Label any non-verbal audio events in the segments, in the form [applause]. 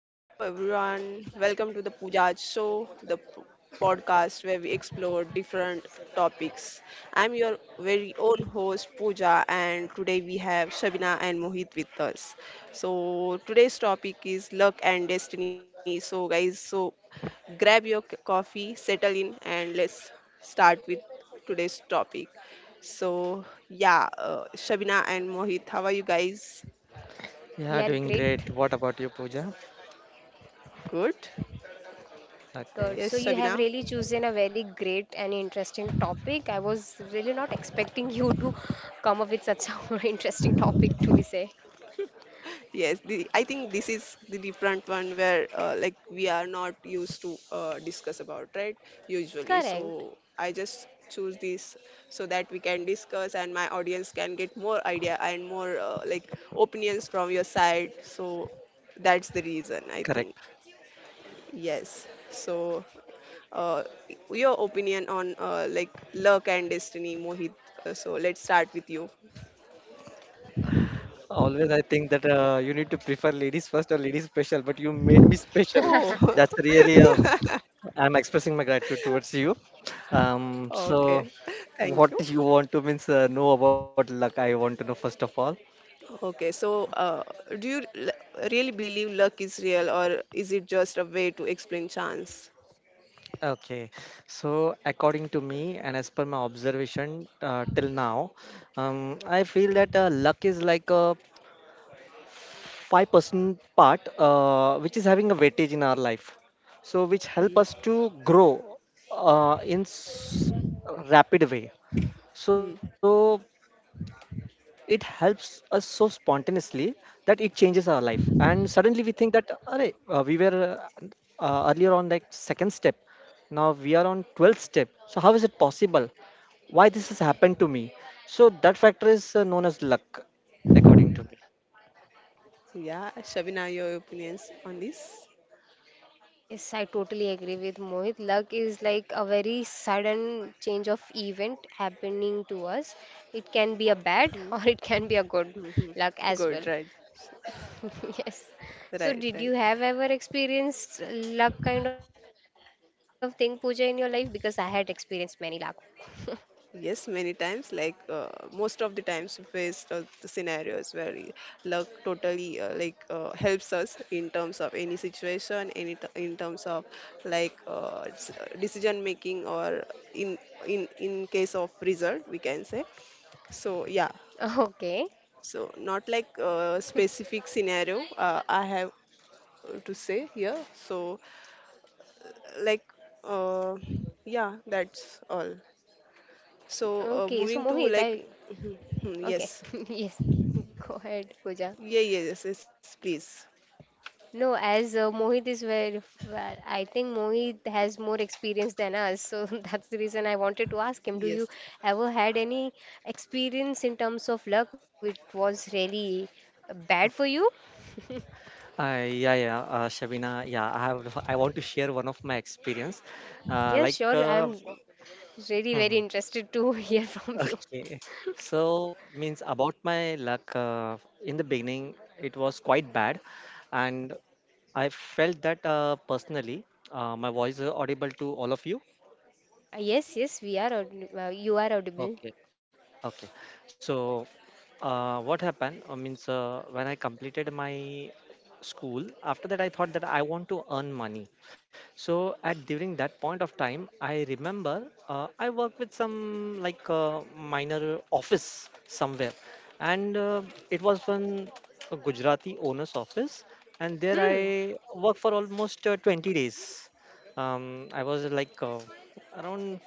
Hello, everyone. Welcome to the Pujaj Show, the podcast where we explore different topics. I'm your very own host, Pooja, and today we have Shabina and Mohit with us. So today's topic is luck and destiny. So, guys, so grab your coffee, settle in, and let's start with today's topic. So, yeah, Shabina and Mohit, how are you guys? We Yeah, are doing great. great. What about you, Pooja? Good? Good. Okay, So Yes, you have Shabina. really chosen a very great and interesting topic. I was really not expecting you to come up with such an [laughs] interesting topic to be say. Yes, I think this is the different one where like we are not used to discuss about, right? Usually, Correct. so I just choose this so that we can discuss and my audience can get more idea and more like opinions from your side. So that's the reason I correct. think. Yes. So uh, your opinion on like luck and destiny, Mohit. So let's start with you. Always I think that you need to prefer ladies first or ladies special, but you made me Oh. special. That's really. I'm expressing my gratitude towards you. [laughs] So Okay. Thank you. what do you want to means know about luck? I want to know first of all. Okay, so do you really believe luck is real, or is it just a way to explain chance? Okay, so according to me and as per my observation till now, I feel that luck is like a 5% part which is having a weightage in our life, so which help us Hmm. to grow uh, in s- rapid way, Hmm. so it helps us so spontaneously that it changes our life, and suddenly we think that Array, we were uh, earlier on like second step, now we are on 12th step. So how is it possible? Why this has happened to me? So that factor is known as luck, according to me. Yeah, Shabina, your opinions on this? Yes, I totally agree with Mohit. Luck is like a very sudden change of event happening to us. It can be a Hmm. bad [laughs] or it can be a Hmm, good hmm. luck as Good, well. right, [laughs] Yes. right, So, did right. you have ever experienced luck kind of thing, Pooja, in your life? Because I had experienced many luck. [laughs] Yes, many times, like most of the times, we faced the scenarios where luck totally like helps us in terms of any situation, any in terms of like decision making, or in in case of result, we can say. So yeah, Okay. so not like specific scenario. I have to say here. So like uh, yeah, that's all. So Okay. So moving Mohit, to I like okay. [laughs] yes. [laughs] Yes. Go ahead, Pooja. Yeah, yes, yes, please. No, as Mohit is where well, I think Mohit has more experience than us, so [laughs] that's the reason I wanted to ask him. Do Yes. you ever had any experience in terms of luck which was really bad for you? Yeah, Shabina. Yeah, I have. [laughs] I want to share one of my experience. Uh, Yes, like, sure. uh, I'm really very mhm. interested to [laughs] hear from you. okay. So means about my luck. In the beginning, it was quite bad, and I felt that personally. My voice is audible to all of you. Yes, yes, you are audible. Okay, okay. So, what happened? Means When I completed my school, after that I thought that I want to earn money. So at during that point of time, I remember I worked with some like minor office somewhere, and it was from a Gujarati owner's office, and there Hmm. I worked for almost 20 days. I was like around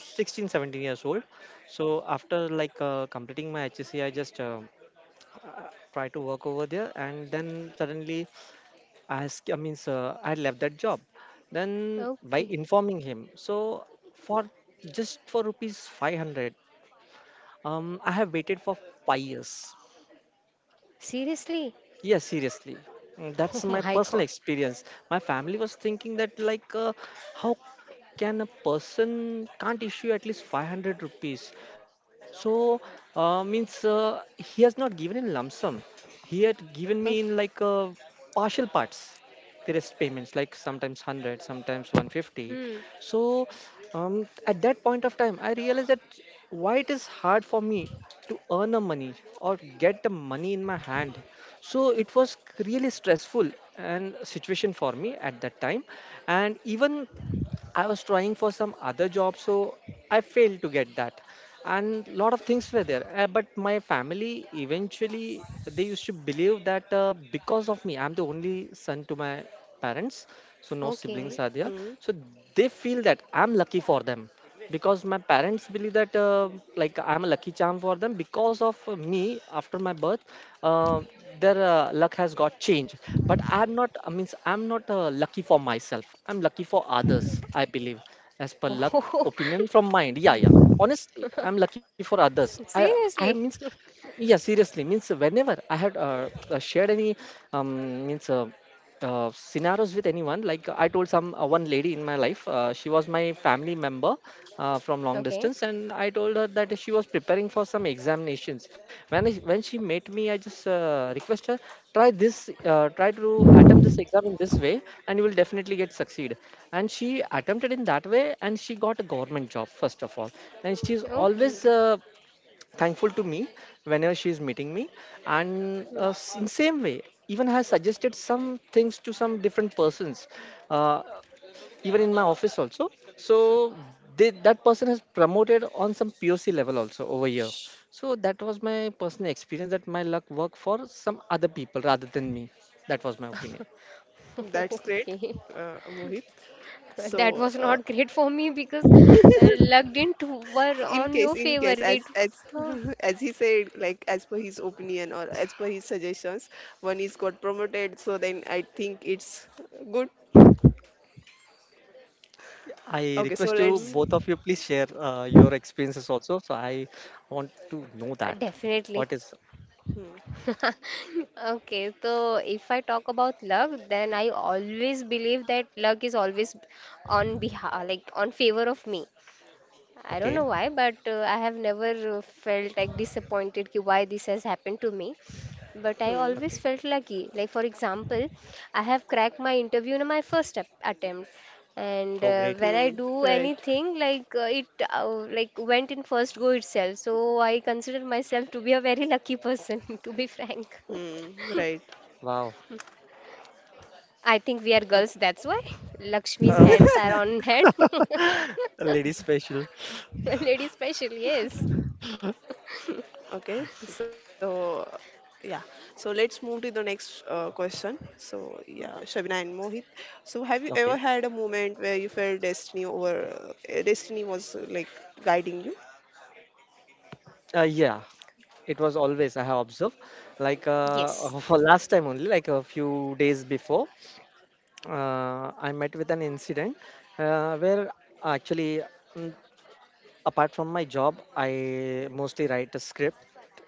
16 17 years old, so after like completing my hsc, I just uh, try to work over there, and then suddenly I ask I mean I left that job then by Okay. informing him. So for just for rupees 500, I have waited for 5 years. Seriously? [laughs] Yes, seriously. That's Oh my my personal God. experience. My family was thinking that, how can a person can't issue at least 500 rupees. So means he has not given in lump sum, he had Okay. given me in like partial parts, the rest payments like sometimes 100 sometimes Hmm. 150. So at that point of time I realized that why it is hard for me to earn a money, or get the money in my hand. So it was really stressful and situation for me at that time. And even I was trying for some other job, so I failed to get that. And lot of things were there. But my family eventually they used to believe that because of me, I'm the only son to my parents, so no siblings Okay. are there. Hmm. So they feel that I'm lucky for them, because my parents believe that I'm a lucky charm for them because of me. After my birth, uh, their luck has got changed. But I'm not lucky for myself, I'm lucky for others, I believe. As per luck Oh. opinion from mind, yeah, yeah. Hmm. Honestly, I'm lucky for others. [laughs] i i Seriously. means [laughs] yeah, seriously means whenever I had shared any means scenarios with anyone, like I told some one lady in my life. She was my family member from long Okay. distance, and I told her that she was preparing for some examinations. When she met me, i just request her, try this, try to attempt this exam in this way, and you will definitely get succeed. And she attempted in that way, and she got a government job first of all. And she's Okay. always Hmm. Thankful to me whenever she is meeting me. And Hmm. In same way, even has suggested some things to some different persons, uh, even in my office also. So that person has promoted on some poc level also over here. Sh- So that was my personal experience, that my luck worked for some other people rather than me. That was my opinion. [laughs] That's great, Okay. Mohit. [laughs] That So, was not great for me because [laughs] luck didn't were on your in favor. case, It. As Huh. [laughs] as he said, like as per his opinion or as per his suggestions, one is got promoted. So then I think it's good. I Okay, so request you, let's. Hmm. both of you, please share your experiences also. So I want to know that. definitely. What is Hmm. [laughs] Okay, so if I talk about luck, then I always believe that luck is always on behalf, like on favor of me. I don't know okay? why, but I have never felt like disappointed ki why this has happened to me. But I Hmm. always felt Okay. lucky. Like for example, I have cracked my interview in my attempt, and Oh, when great. I Hmm. do Right. anything, like it like went in first go itself. So I consider myself to be a very lucky person, [laughs] to be frank. Hmm. Right. Wow. I think we are girls, that's why Lakshmi's hands Oh, are Okay. [laughs] on head. [laughs] [laughs] lady special. Lady special, yes. Okay, so yeah, so let's move to the next question. So yeah, Shabina and Mohit. So have you ever had Okay. a moment where you felt destiny over destiny was guiding you? Yeah, it was always, I have observed, like Yes. [laughs] For last time only, like a few days before, I met with an incident where actually mm, apart from my job, I mostly write a script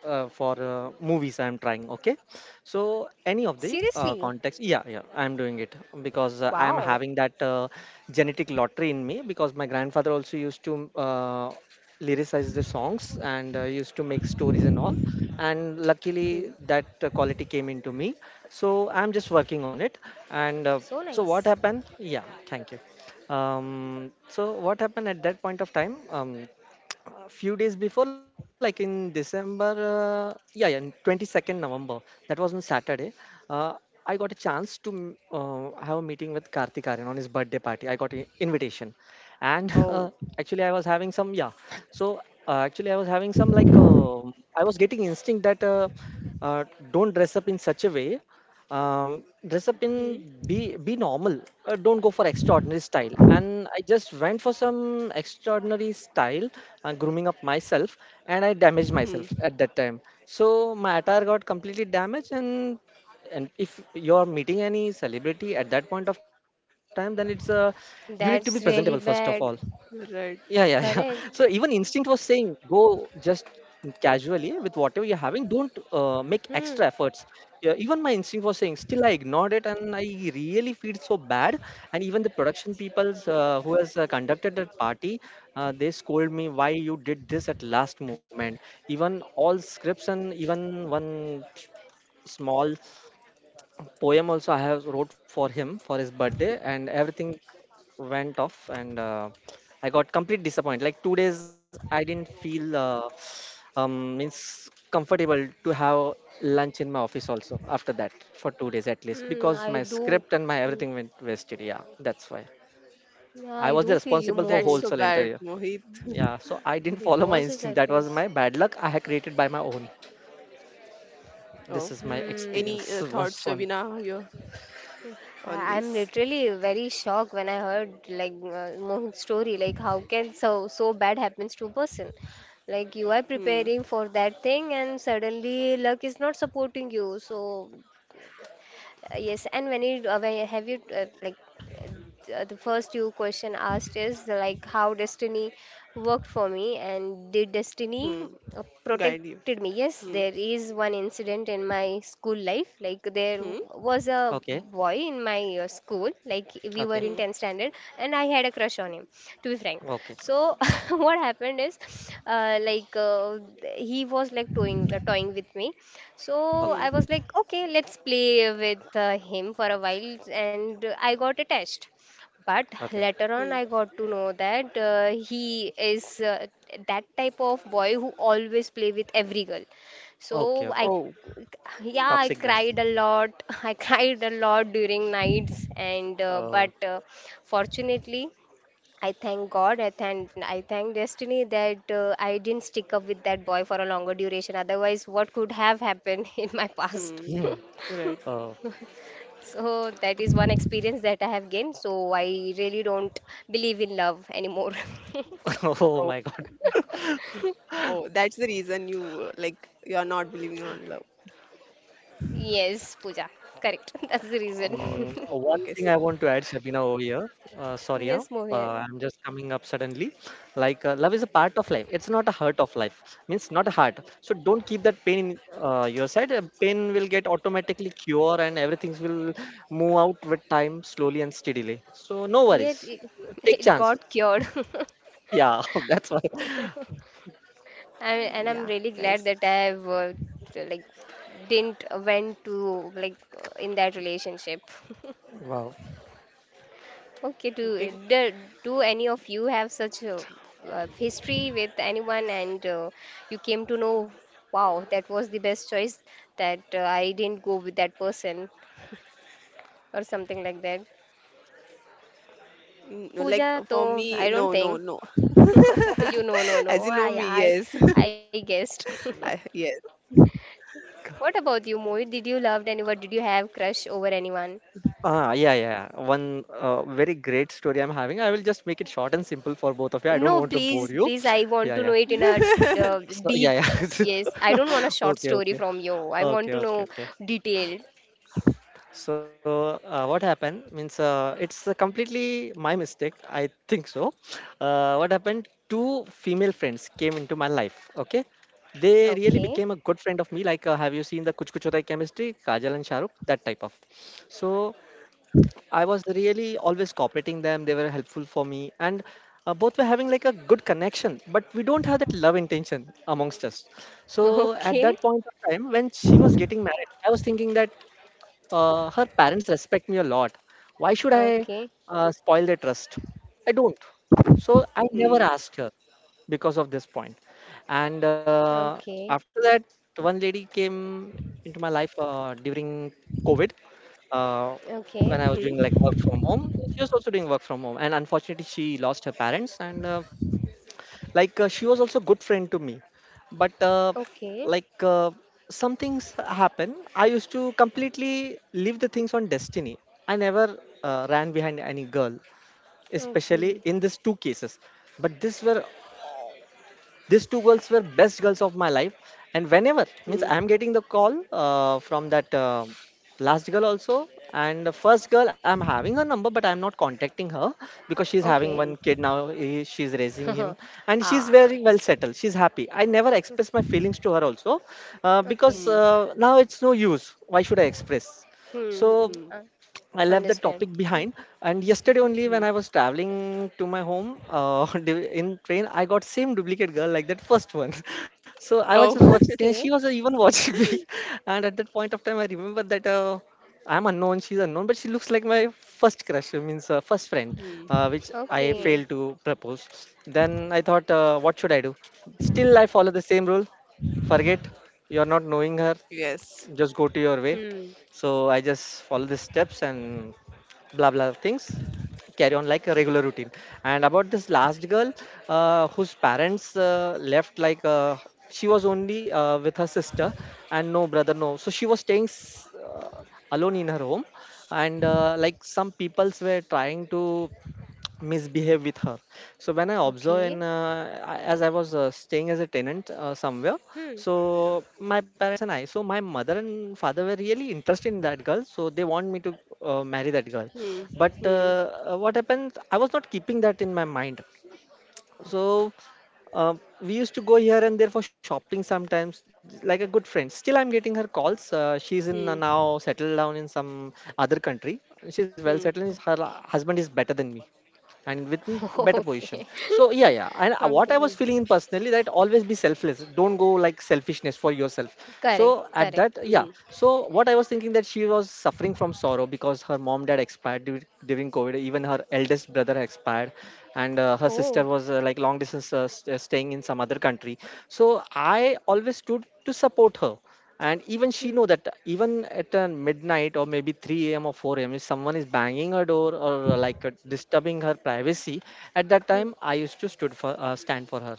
for movies I'm trying. Okay, so any of the Seriously? context, yeah, yeah, I'm doing it because I'm Wow. having that genetic lottery in me, because my grandfather also used to lyricize the songs and used to make stories and all. And Hmm. luckily, that quality came into me. So I'm just working on it. And So so, what nice. happened? Yeah, thank you. So what happened at that point of time? A few days before, like in December, in 22nd November, that was on Saturday. Uh, I got a chance to have a meeting with Karthik Aryan on his birthday party. I got an invitation, and [laughs] Oh, actually, I was having some yeah. So actually, I was having some like I was getting instinct that uh, don't dress up in such a way, dress up in hmm. be normal, don't go for extraordinary style, and I just went for some extraordinary style, grooming up myself, and I damaged myself Hmm. at that time. So my attire got completely damaged, and if you're meeting any celebrity at that point of time, then it's you need to be That's really presentable first of bad. all. Yeah, yeah, Right. yeah. [laughs] Correct. So even instinct was saying, go just casually with whatever you're having. Don't make Hmm. extra efforts. Yeah, even my instinct was saying. Still, I ignored it, and I really feel so bad. And even the production people's who has conducted that party, they scold me why you did this at last moment. Even all scripts and even one small poem also I have wrote for him for his birthday, and everything went off, and I got complete disappointed. Like 2 days, I didn't feel means comfortable to have lunch in my office also after that for 2 days at least, Hmm. because I my do. script and my Hmm. everything went wasted. Yeah, that's why. Yeah, I I was do the feel you, responsible That's for so Mohit. wholesale bad, Yeah. interior. Mohit. [laughs] Yeah, so I didn't It follow my was a instinct. That was surprise. my bad luck. I had created by my own. Oh, This is my Hmm. any experience. [laughs] thoughts, Worst one. Shabina, here on I'm this? literally very shocked when I heard like Mohit's story. Like, how can so so bad happens to a person? Like you are Hmm. preparing for that thing and suddenly luck is not supporting you. So uh, yes, and have you like the first two question asked is like how destiny worked for me and did destiny Hmm. Guide you. protected me. Yes, Hmm. there is one incident in my school life, like Hmm. Was a Okay, boy in my your school. Like we were okay, in Hmm. 10th standard, and I had a crush on him, to be frank. okay, So [laughs] what happened is, uh, like uh, he was like toying with me. So okay. I was Hmm. like, okay, let's play with him for a while, and I got attached. But Okay. later Hmm. on, I got to know that he is that type of boy who always play with every girl. Okay. So Okay. I, Oh. yeah, I Toxic guy. cried a [laughs] lot. [laughs] I cried a lot during nights, and uh, Uh, but uh, fortunately, I thank God, I thank destiny that I didn't stick up with that boy for a longer duration. Otherwise what could have happened [laughs] in my past? Hmm. hmm. Right. uh, So that is one experience that I have gained, so I really don't believe in love anymore. [laughs] oh my God. Oh, that's the reason you like you are not believing on love. [laughs] Yes, Pooja, correct. [laughs] That's the reason. Oh, okay. One Okay. thing I want to add, Shabina, over here. [laughs] Sorry, Yes, huh? Mohit. I'm just coming up suddenly. Like, love is a part of life. It's not a hurt of life. Means not a heart. So don't keep that pain in your side. Pain will get automatically cure, and everything will move out with time, slowly and steadily. So no yet worries. it, [laughs] Take it chances. got cured. [laughs] Yeah, [laughs] that's why. I, Yeah, and I'm really guys. glad that I have t- like didn't went to like in that relationship. [laughs] Wow. Okay, Okay. Do any of you have such a history with anyone and you came to know, wow, that was the best choice that I didn't go with that person or something like that? Mm, no, like Pooja, for though, me, I don't no, no, think. no. [laughs] For you, no, no, [laughs] As you no. know me, yes. I guessed. [laughs] [laughs] I, yes. What about you, Mohit? Did you love anyone? Did you have crush over anyone? Yeah. One very great story I'm having. I will just make it short and simple for both of you. I don't No, want to bore please, you. please, I want Yeah, to know yeah. it in a uh, [laughs] So, deep. yeah, yeah. Yes, I don't want a [laughs] short Okay, story okay. from you. I want Okay, to okay, know okay. detailed. So, what happened means it's completely my mistake. I think so. What happened? Two female friends came into my life. Okay, they really Okay, became a good friend of me. Like, have you seen the Kuch Kuch Hota Hai Chemistry, Kajal and Shahrukh, that type of. So I was really always cooperating them. They were helpful for me, and both were having like a good connection. But we don't have that love intention amongst us. [laughs] So at that okay, point of time, when she was getting married, I was thinking that her parents respect me a lot. Why should I okay, spoil their trust? I don't. So I never Hmm. asked her because of this point. And okay, after that, one lady came into my life during COVID uh, okay, when Hmm. I was doing like work from home. She was also doing work from home, and unfortunately, she lost her parents, and she was also good friend to me but okay, like uh, some things happen. I used to completely leave the things on destiny. I never ran behind any girl, especially okay, in these two cases. But these were, these two girls were best girls of my life. And whenever, Hmm. means, I'm getting the call from that last girl also. And the first girl, I'm having her number but I'm not contacting her because she's having okay. Hmm. one kid now. She's raising him, [laughs] and she's Ah, very well settled, she's happy. I never express my feelings to her also, because okay. Hmm. Now it's no use. Why should I express? Hmm. So Hmm. I left the Understand. topic behind. And yesterday only, Hmm. when I was traveling to my home [laughs] in train, I got same duplicate girl like that first one. [laughs] So I was just Oh. watching, and Okay, [laughs] she was even watching [laughs] me. And at that point of time, I remember that I'm unknown, she's unknown, but she looks like my first crush, I means first friend, Hmm. Which I okay. Hmm. failed to propose. Then I thought, what should I do? Still, I follow the same rule. Forget, you're not knowing her, Yes. just go to your way. Hmm. So I just follow the steps and blah blah things, carry on like a regular routine. And about this last girl, whose parents left, she was only with her sister and no brother, no. So she was staying alone in her home. And like some peoples were trying to misbehave with her. So when I observe, Okay. and as I was staying as a tenant somewhere, Hmm. so my parents and I, so my mother and father were really interested in that girl, so they want me to marry that girl. Hmm. But Hmm. What happened? I was not keeping that in my mind. So uh, we used to go here and there for shopping sometimes, like a good friend. Still, I'm getting her calls. She's in Hmm. now settled down in some other country. She's well Hmm. settled. Is Her husband is better than me and within o- [laughs] better Okay. position. [laughs] So yeah, yeah, and Okay. what I was feeling Hmm. in personally, that always be selfless, don't go like selfishness for yourself. Correct. So Correct. at that, yeah, Hmm. so what I was thinking, that she was suffering from sorrow because her mom dad expired during COVID. Even her eldest brother expired, and her Oh. sister was like long distance, staying in some other country. So I always stood to support her, and even Hmm, she know that even at midnight or maybe 3 a.m or 4 a.m, if someone is banging her door or disturbing her privacy. At that time hmm. I used to stood for stand for her.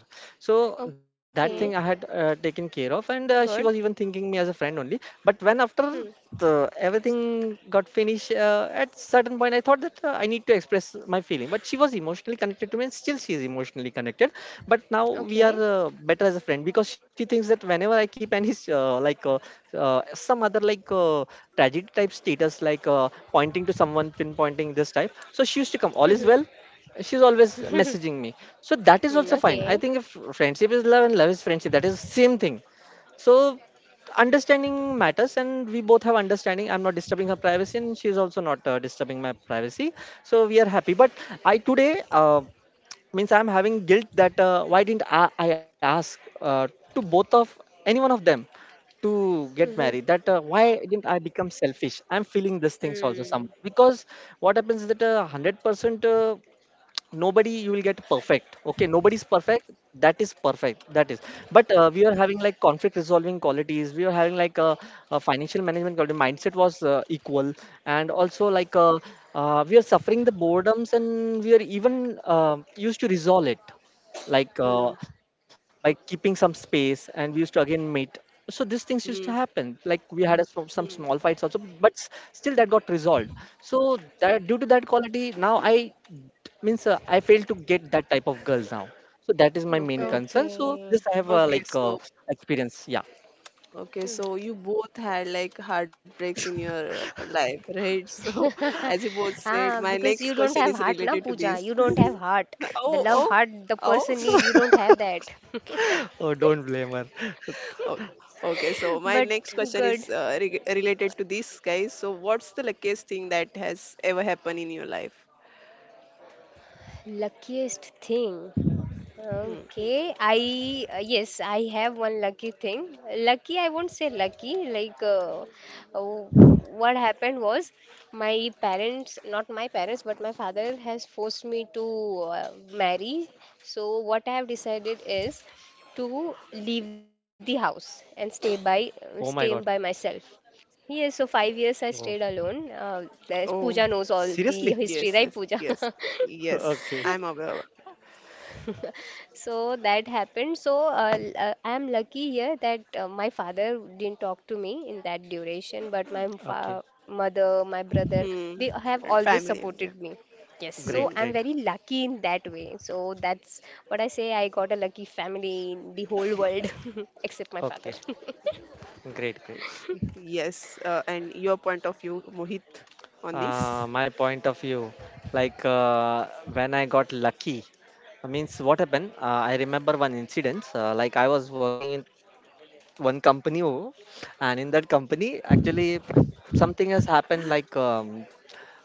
So that Hmm. thing Okay, I had taken care of. And she good. was even thinking me as a friend only. But when, after Hmm. Everything got finished, at certain point I thought that I need to express my feeling. But she was emotionally connected to me, and still she is emotionally connected. But now we Okay. are better as a friend, because she thinks that whenever I keep any uh, like uh, uh, some other tragic type status, like pointing to someone, pinpointing this type, so she used to come, all is well. She's always [laughs] messaging me. So that is also Hmm. Okay. fine, I think. If friendship is love and love is friendship, that is same thing. So understanding matters, and we both have understanding. I'm not disturbing her privacy, and she's also not disturbing my privacy. So we are happy. But I today means I'm having guilt that why didn't I ask to both of, any one of them to get Mhm. married? That why didn't I become selfish? I'm feeling these things also Hmm. somehow because what happens is that 100%. Nobody, you will get perfect. Okay, nobody's perfect, that is perfect, that is. But we are having like conflict resolving qualities. We are having like a financial management quality. Mindset was equal. And also we are suffering the boredoms, and we are even used to resolve it, like Hmm. uh, by keeping some space, and we used to again meet. So these things used to Hmm. happen. Like we had some small Hmm. fights also, but still that got resolved. So that, due to that quality, now I, means I fail to get that type of girls now. So that is my main Okay. concern. So Okay. this I have Okay. So experience, yeah. okay, Hmm. so you both had like heartbreaks in your life, right? [laughs] So, [laughs] as you both said, Ah, my because you next don't question have is heart, na related to Pooja. this. You don't have [laughs] heart. The Oh, love oh, heart the oh. person need, you don't have [laughs] that. [laughs] Oh, don't blame her. Oh, okay, so my But next question good. is re related to this, guys. So what's the luckiest thing that has ever happened in your life? Luckiest thing. Hmm. Okay, I yes, I have one lucky thing. Lucky, I won't say lucky. Like, uh, what happened was, my parents, not my parents, but my father has forced me to marry. So what I have decided is to leave the house and Oh my stay god. by myself. Yes, so 5 years I Oh, stayed alone. There's Pooja Oh, knows all seriously. the history, right, yes, yes, Pooja? [laughs] yes, [laughs] yes. Okay, I'm aware. So that happened. So I am lucky here that my father didn't talk to me in that duration, but my okay. fa mother, my brother, Hmm. they have And always family, yeah. supported me. Yes, so Great, Hmm. I'm great. very lucky in that way. So that's what I say. I got a lucky family in the whole world, [laughs] except my Okay. father. [laughs] Great, great. Yes. And your point of view, Mohit, on this? My point of view, when I got lucky, means what happened? I remember one incident. Like I was working in one company. Oh, and in that company, actually, something has happened. Like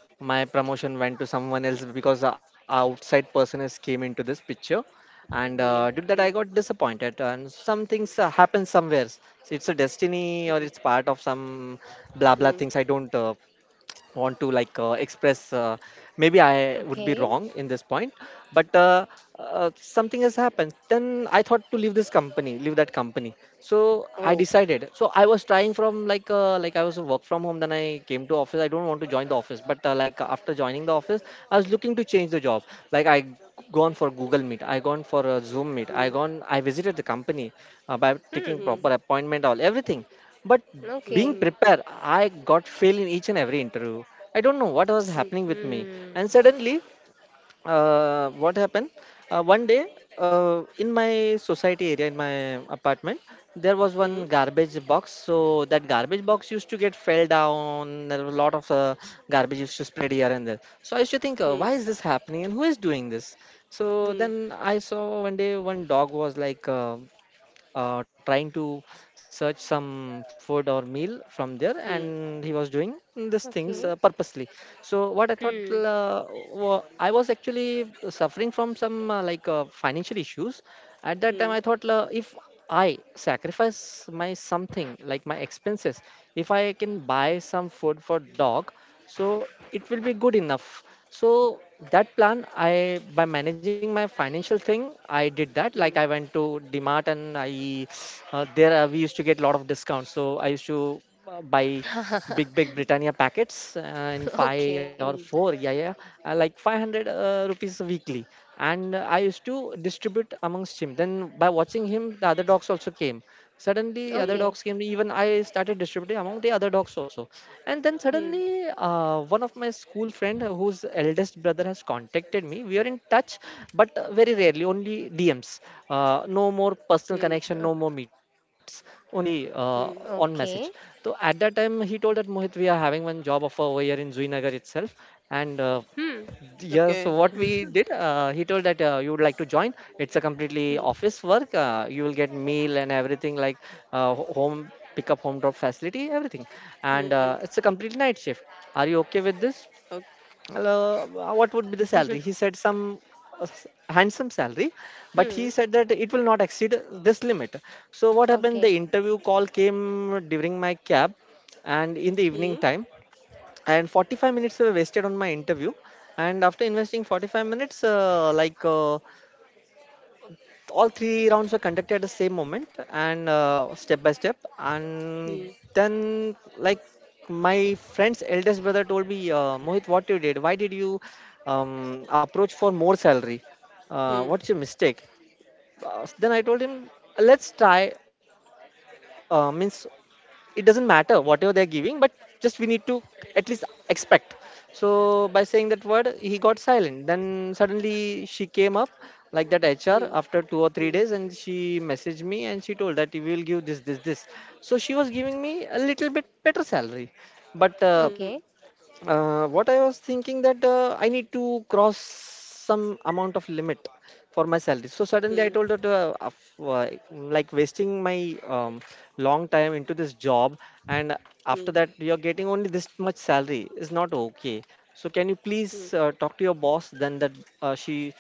my promotion went to someone else because a outside person has came into this picture. Hmm, And hmm, due to that, I got disappointed. And some things happen somewhere. So it's a destiny hmm, or it's part of some blah blah things. hmm. I don't want to express maybe I would Okay. be wrong in this point. But something has happened. Then I thought to leave that company, so I Oh. decided. So I was trying from like I was work from home, then I came to office. I don't want to join the office, but like after joining the office, I was looking to change the job. Like I gone for Google Meet, I gone for a Zoom meet, Hmm, I gone, I visited the company, by taking hmm, Hmm. proper appointment, all everything, but hmm, hmm, being Okay. prepared, I got fail in each and every interview. I don't know what was hmm, happening with me. Hmm. And suddenly, what happened? One day, in my society area, in my apartment, there was hmm, one hmm, garbage box. So that garbage box used to get fell down. There were a lot of garbage used to spread here and there. So I used to think, why is this happening and who is doing this? So hmm, then I saw one day one dog was trying to search some food or meal from there, hmm, hmm, and he was doing these Okay. things hmm, hmm, purposely. So what I Hmm. thought, I was actually suffering from some financial issues at that time. hmm, I thought if I sacrifice my something, like my expenses, if I can buy some food for dog, so it will be good enough. So that plan, I by managing my financial thing, I did that. Like I went to DMart and I, there we used to get a lot of discounts, so I used to buy [laughs] big big Britannia packets in 5 Okay. or 4, yeah, yeah, like 500 rupees weekly, and I used to distribute amongst him. Then by watching him, the other dogs also came. Suddenly other Okay. dogs came, even I started distributing among the other dogs also. And then hmm, hmm, suddenly one of my school friend, whose eldest brother has contacted me, we are in touch, but very rarely, only DMs, no hmm, more personal connection, Uh, no more meets, only hmm. On okay. message. So at that time he told that, Mohit, we are having one job offer over here in Zuinagar itself. And Hmm. yeah, Okay. so what [laughs] we did, he told that you would like to join. It's a completely Hmm, office work. You will get meal and everything, like home pickup, home drop facility, everything. And hmm, it's a complete night shift. Are you okay with this? ok- Well, uh, what would be the salary? He [laughs] said some uh, s- handsome salary, but he Hmm. said that it will not exceed this limit. So what happened? The Okay. interview call came during my cab, and in the evening time, and 45 minutes were wasted on my interview. And after investing 45 minutes, all three rounds were conducted at the same moment, and step by step. And hmm, then like my friend's eldest brother told me, Mohit, what you did, why did you approach for more salary, hmm, what's your mistake? Uh, then I told him, let's try, means it doesn't matter whatever they're giving, but just we need to at least expect. So by saying that word, he got silent. Then suddenly she came up, like that HR, hmm, after two or three hmm, days, and she messaged me, and she told that we will give this, this, this. So she was giving me a little bit better salary. But hmm, hmm, Okay. What I was thinking, that I need to cross some amount of limit for my salary. So hmm, hmm, suddenly I told her to, like wasting my long time into this job, and after that you're getting only this much salary, is not okay. So can you please talk to your boss? Then that she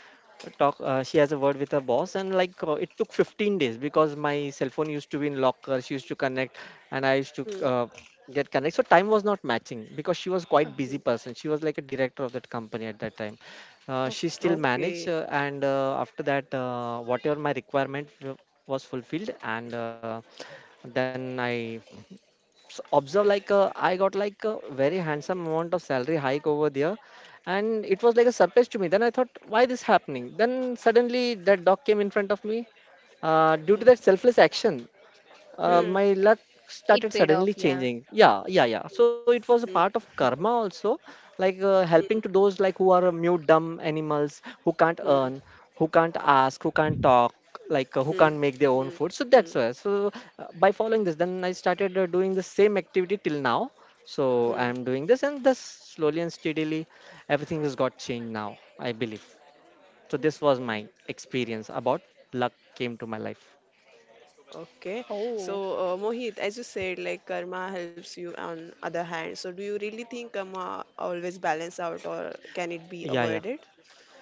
talk she has a word with her boss, and it took 15 days because my cell phone used to be in locker. She used to connect, and I used to hmm, hmm, get connect, so time was not matching because she was Uh, quite busy hmm. person. She was like a director of that company at that time. She still okay. managed, Okay. and after that whatever my was fulfilled. And then I s- observe like I got like a very handsome amount of salary hike over there, and it was like a surprise to me. Then I thought, why this happening? Then suddenly that dog came in front of me. Due to Hmm, that selfless action, Hmm. Hmm, my luck It started paid off. suddenly Yeah. changing. Yeah, yeah, yeah, so it was a part of karma also, like helping hmm, to those, like, who are mute dumb animals, who can't hmm, hmm, earn, who can't ask, who can't talk, who hmm, can't make their own hmm, food. So that's hmm, why. So by following this, then I started doing the same activity till now. So I hmm. am doing this, and thus slowly and steadily everything has got changed now, I believe. So this was my experience about luck came to my life. Okay. So, Oh. Mohit, as you said, like karma helps you on other hand. So do you really think karma always balance out or can it be Yeah, yeah. avoided?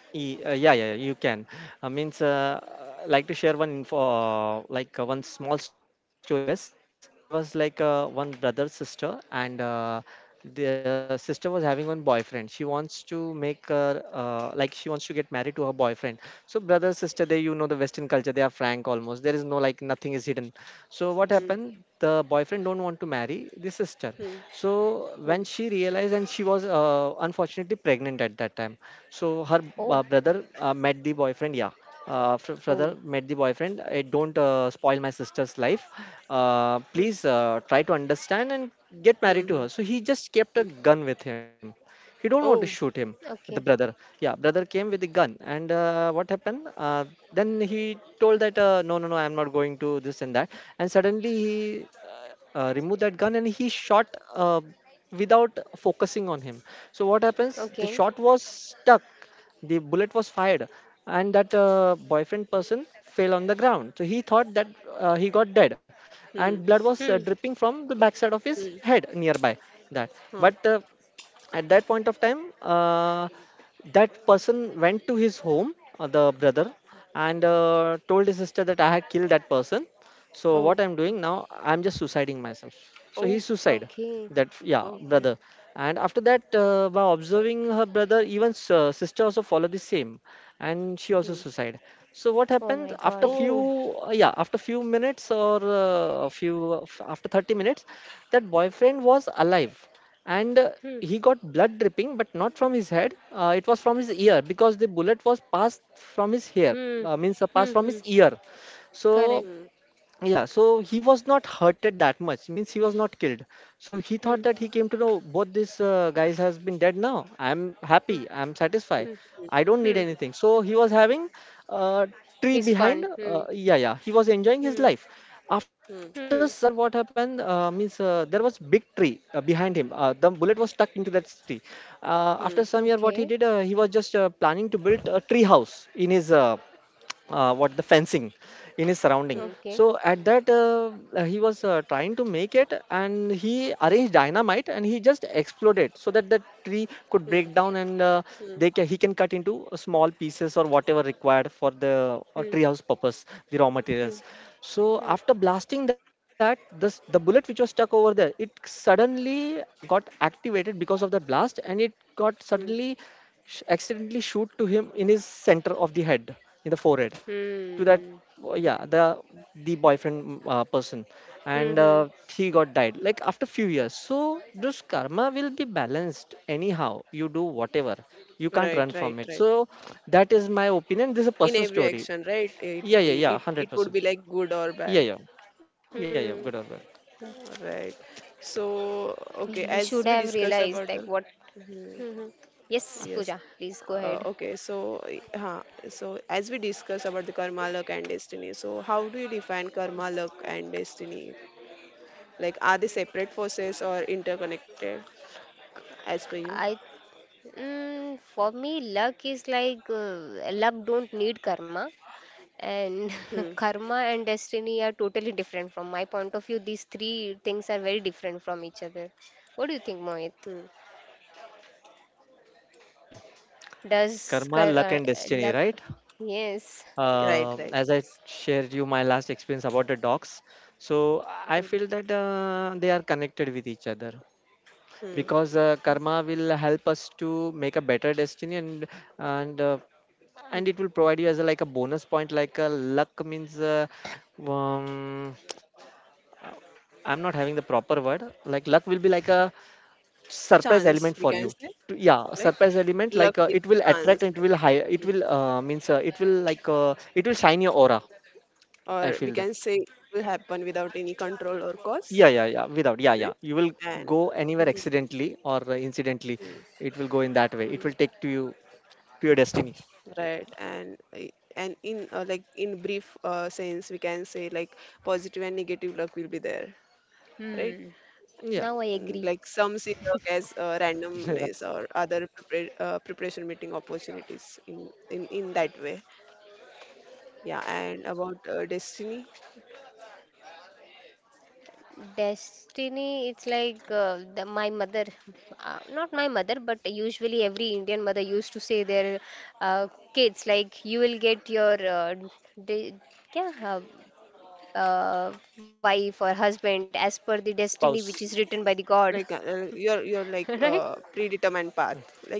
Yeah, yeah, yeah, you can. I means like to share one info, like one small story of US. There was one brother sister, and the sister was having one boyfriend. She wants to make her like, she wants to get married to her boyfriend. So, brother sister, they, you know, the Western culture, they are frank almost. There is no, like, nothing is hidden. So what Hmm. happened? The boyfriend don't want to marry the sister. Hmm. So Hmm. when she realized, and she was unfortunately pregnant at that time, so her Oh. Brother met the boyfriend. Yeah, brother Oh. met the boyfriend. I don't spoil my sister's life. Hmm. Please try to understand and get Hmm. married to her. Hmm. So he just kept a Hmm. gun with him. He don't want to shoot him, Oh. the Okay. brother. Yeah, brother came with the gun, and what happened? uh, then he told that, no, no, no, I'm not going to this and that. And suddenly he uh, removed that gun and he shot uh, without focusing on him. So what happens, the Okay. shot was stuck, the bullet was fired, and that boyfriend person fell on the ground. So he thought that he got dead, and Hmm. blood was Hmm. Dripping from the backside of his Hmm. head nearby that. But Huh. At that point of time, that person went to his home, the brother, and told his sister that, I had killed that person, so what Oh. I'm doing now, I'm just suiciding myself. So he Oh. suicide, Okay. that yeah Okay. brother. And after that, by observing her brother, even sister also followed the same, and she also Hmm. suicide. So what Oh my happened after God. Oh. few, yeah, after few minutes, or after 30 minutes, that boyfriend was alive. And Hmm. he got blood dripping, but not from his head. It was from his ear, because the bullet was passed from his hair, Hmm. Means passed Hmm. from his Hmm. ear. So Correct. Hmm. yeah, so he was not hurted that much. Means he was not killed. So he thought Hmm. that, he came to know both these guys has been dead now. I'm Hmm. happy, I'm satisfied, Hmm. Hmm. I don't need Hmm. Hmm. anything. So he was having a tree It's behind. fun. Hmm. Yeah, yeah. He was enjoying his Hmm. life. After Hmm. Hmm. some year, what happened? Means there was big tree behind him. The bullet was stuck into that tree. After Hmm. some Okay. year, what he did? He was just planning to build a tree house in his what, the fencing in his surrounding. Hmm. Okay. So at that, he was trying to make it, and he arranged dynamite and he just exploded, so that the tree Hmm. could break down, and Hmm. He can cut into small pieces, or whatever required for the Hmm. treehouse purpose, the raw Hmm. materials. So Hmm. after blasting that, this, the bullet which was stuck over there, it suddenly got activated because of that blast, and it got Hmm. suddenly accidentally shoot to him in his center of the head, in the forehead, to that, Hmm. yeah, the boyfriend person. and Hmm. uh, he got died, like, after few years. So this karma will be balanced, anyhow you do whatever, you can't Right. run Right. from it. Right. So that is my opinion, this is a In personal every story. action, right? It Yeah, yeah, yeah, it would 100%. be like good or Yeah, bad. yeah. Hmm. Yeah, yeah, Hmm. good or bad. Correct. Right. [laughs] So, He okay, should have as we realized discuss like about what. the mhm, Hmm. Yes, Pooja, yes. please go ahead. Okay, so huh, so as we discuss about the karma, luck, and destiny, so how do you define karma, luck, and destiny? Like, are they separate forces or interconnected as per you? I, mm, for me, luck is like luck don't need karma, and Hmm, [laughs] karma and destiny are totally different from my point of view. These three things are very different from each other. What do you think, Mohit? hmm. Does Karma, luck and destiny, luck? right? Yes. Right, right, As I yes. shared you my last experience about the dogs, so Hmm, I feel that they are connected with each other, hmm. because karma will help us to make a better destiny, and uh, and it will provide you as a, like a bonus point, like a luck, means um, uh, I'm not having the proper word. Like, luck will be like a surprise element Chance, for we you. can say, Yeah, like surprise element, like luck is it will attract and chance, it like, will hire, it hmm. will means it will like it will shine your aura. I Or we feel that, can say it will happen without any control or cause, yeah, yeah, yeah, without, yeah, right? yeah, you will And go anywhere accidentally or mm, incidentally, it will go in that mm, way, it will take to you to your destiny. right, and and in like in brief sense, we can say like positive and negative luck will be there, right? Hmm. Yeah. Now I Mm, agree. like some see luck as randomness [laughs] or other preparation meeting opportunities in in that way. Yeah, and about destiny, Destiny, it's like my mother, not my mother, but usually every Indian mother used to say their uh, kids, like, you will get your de- kya, uh, uh, wife or husband as per the destiny Spouse. which is written by the God, like your [laughs] like right? Predetermined path, like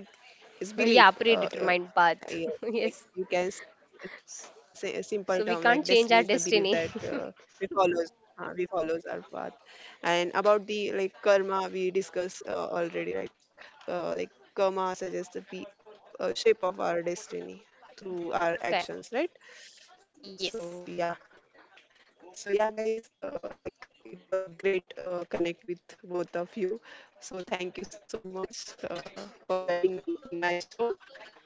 it's Yeah, belief, predetermined path. yeah, [laughs] like Yes. Say a simple term like So destiny we is the can't belief change that our destiny. we [laughs] follows we follows our path. And about the like karma we discussed already, like karma suggests the shape of our destiny through our actions, Correct. right? So Yes. yeah, so yeah, guys, like it was great connect with both of you. So thank you so much for joining me in my show.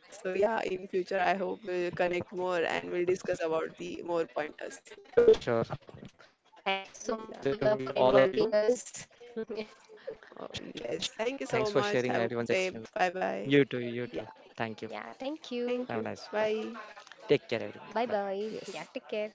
So yeah, in future I hope we'll connect more and we'll discuss about the more pointers. Sure, sure, it's a Thank you Yeah. so great much, pleasure to Pooja, meet for you, all of inviting you. us. [laughs] Yes. Oh, yes. Thank you Thanks so for much. sharing Have a everyone's good day. experience. Bye bye. You too, you Yeah. too. Thank you. Yeah, thank Thank you. Have a you. nice bye. Bye. Take care everyone, Bye bye. bye. Yes. Yeah, take care.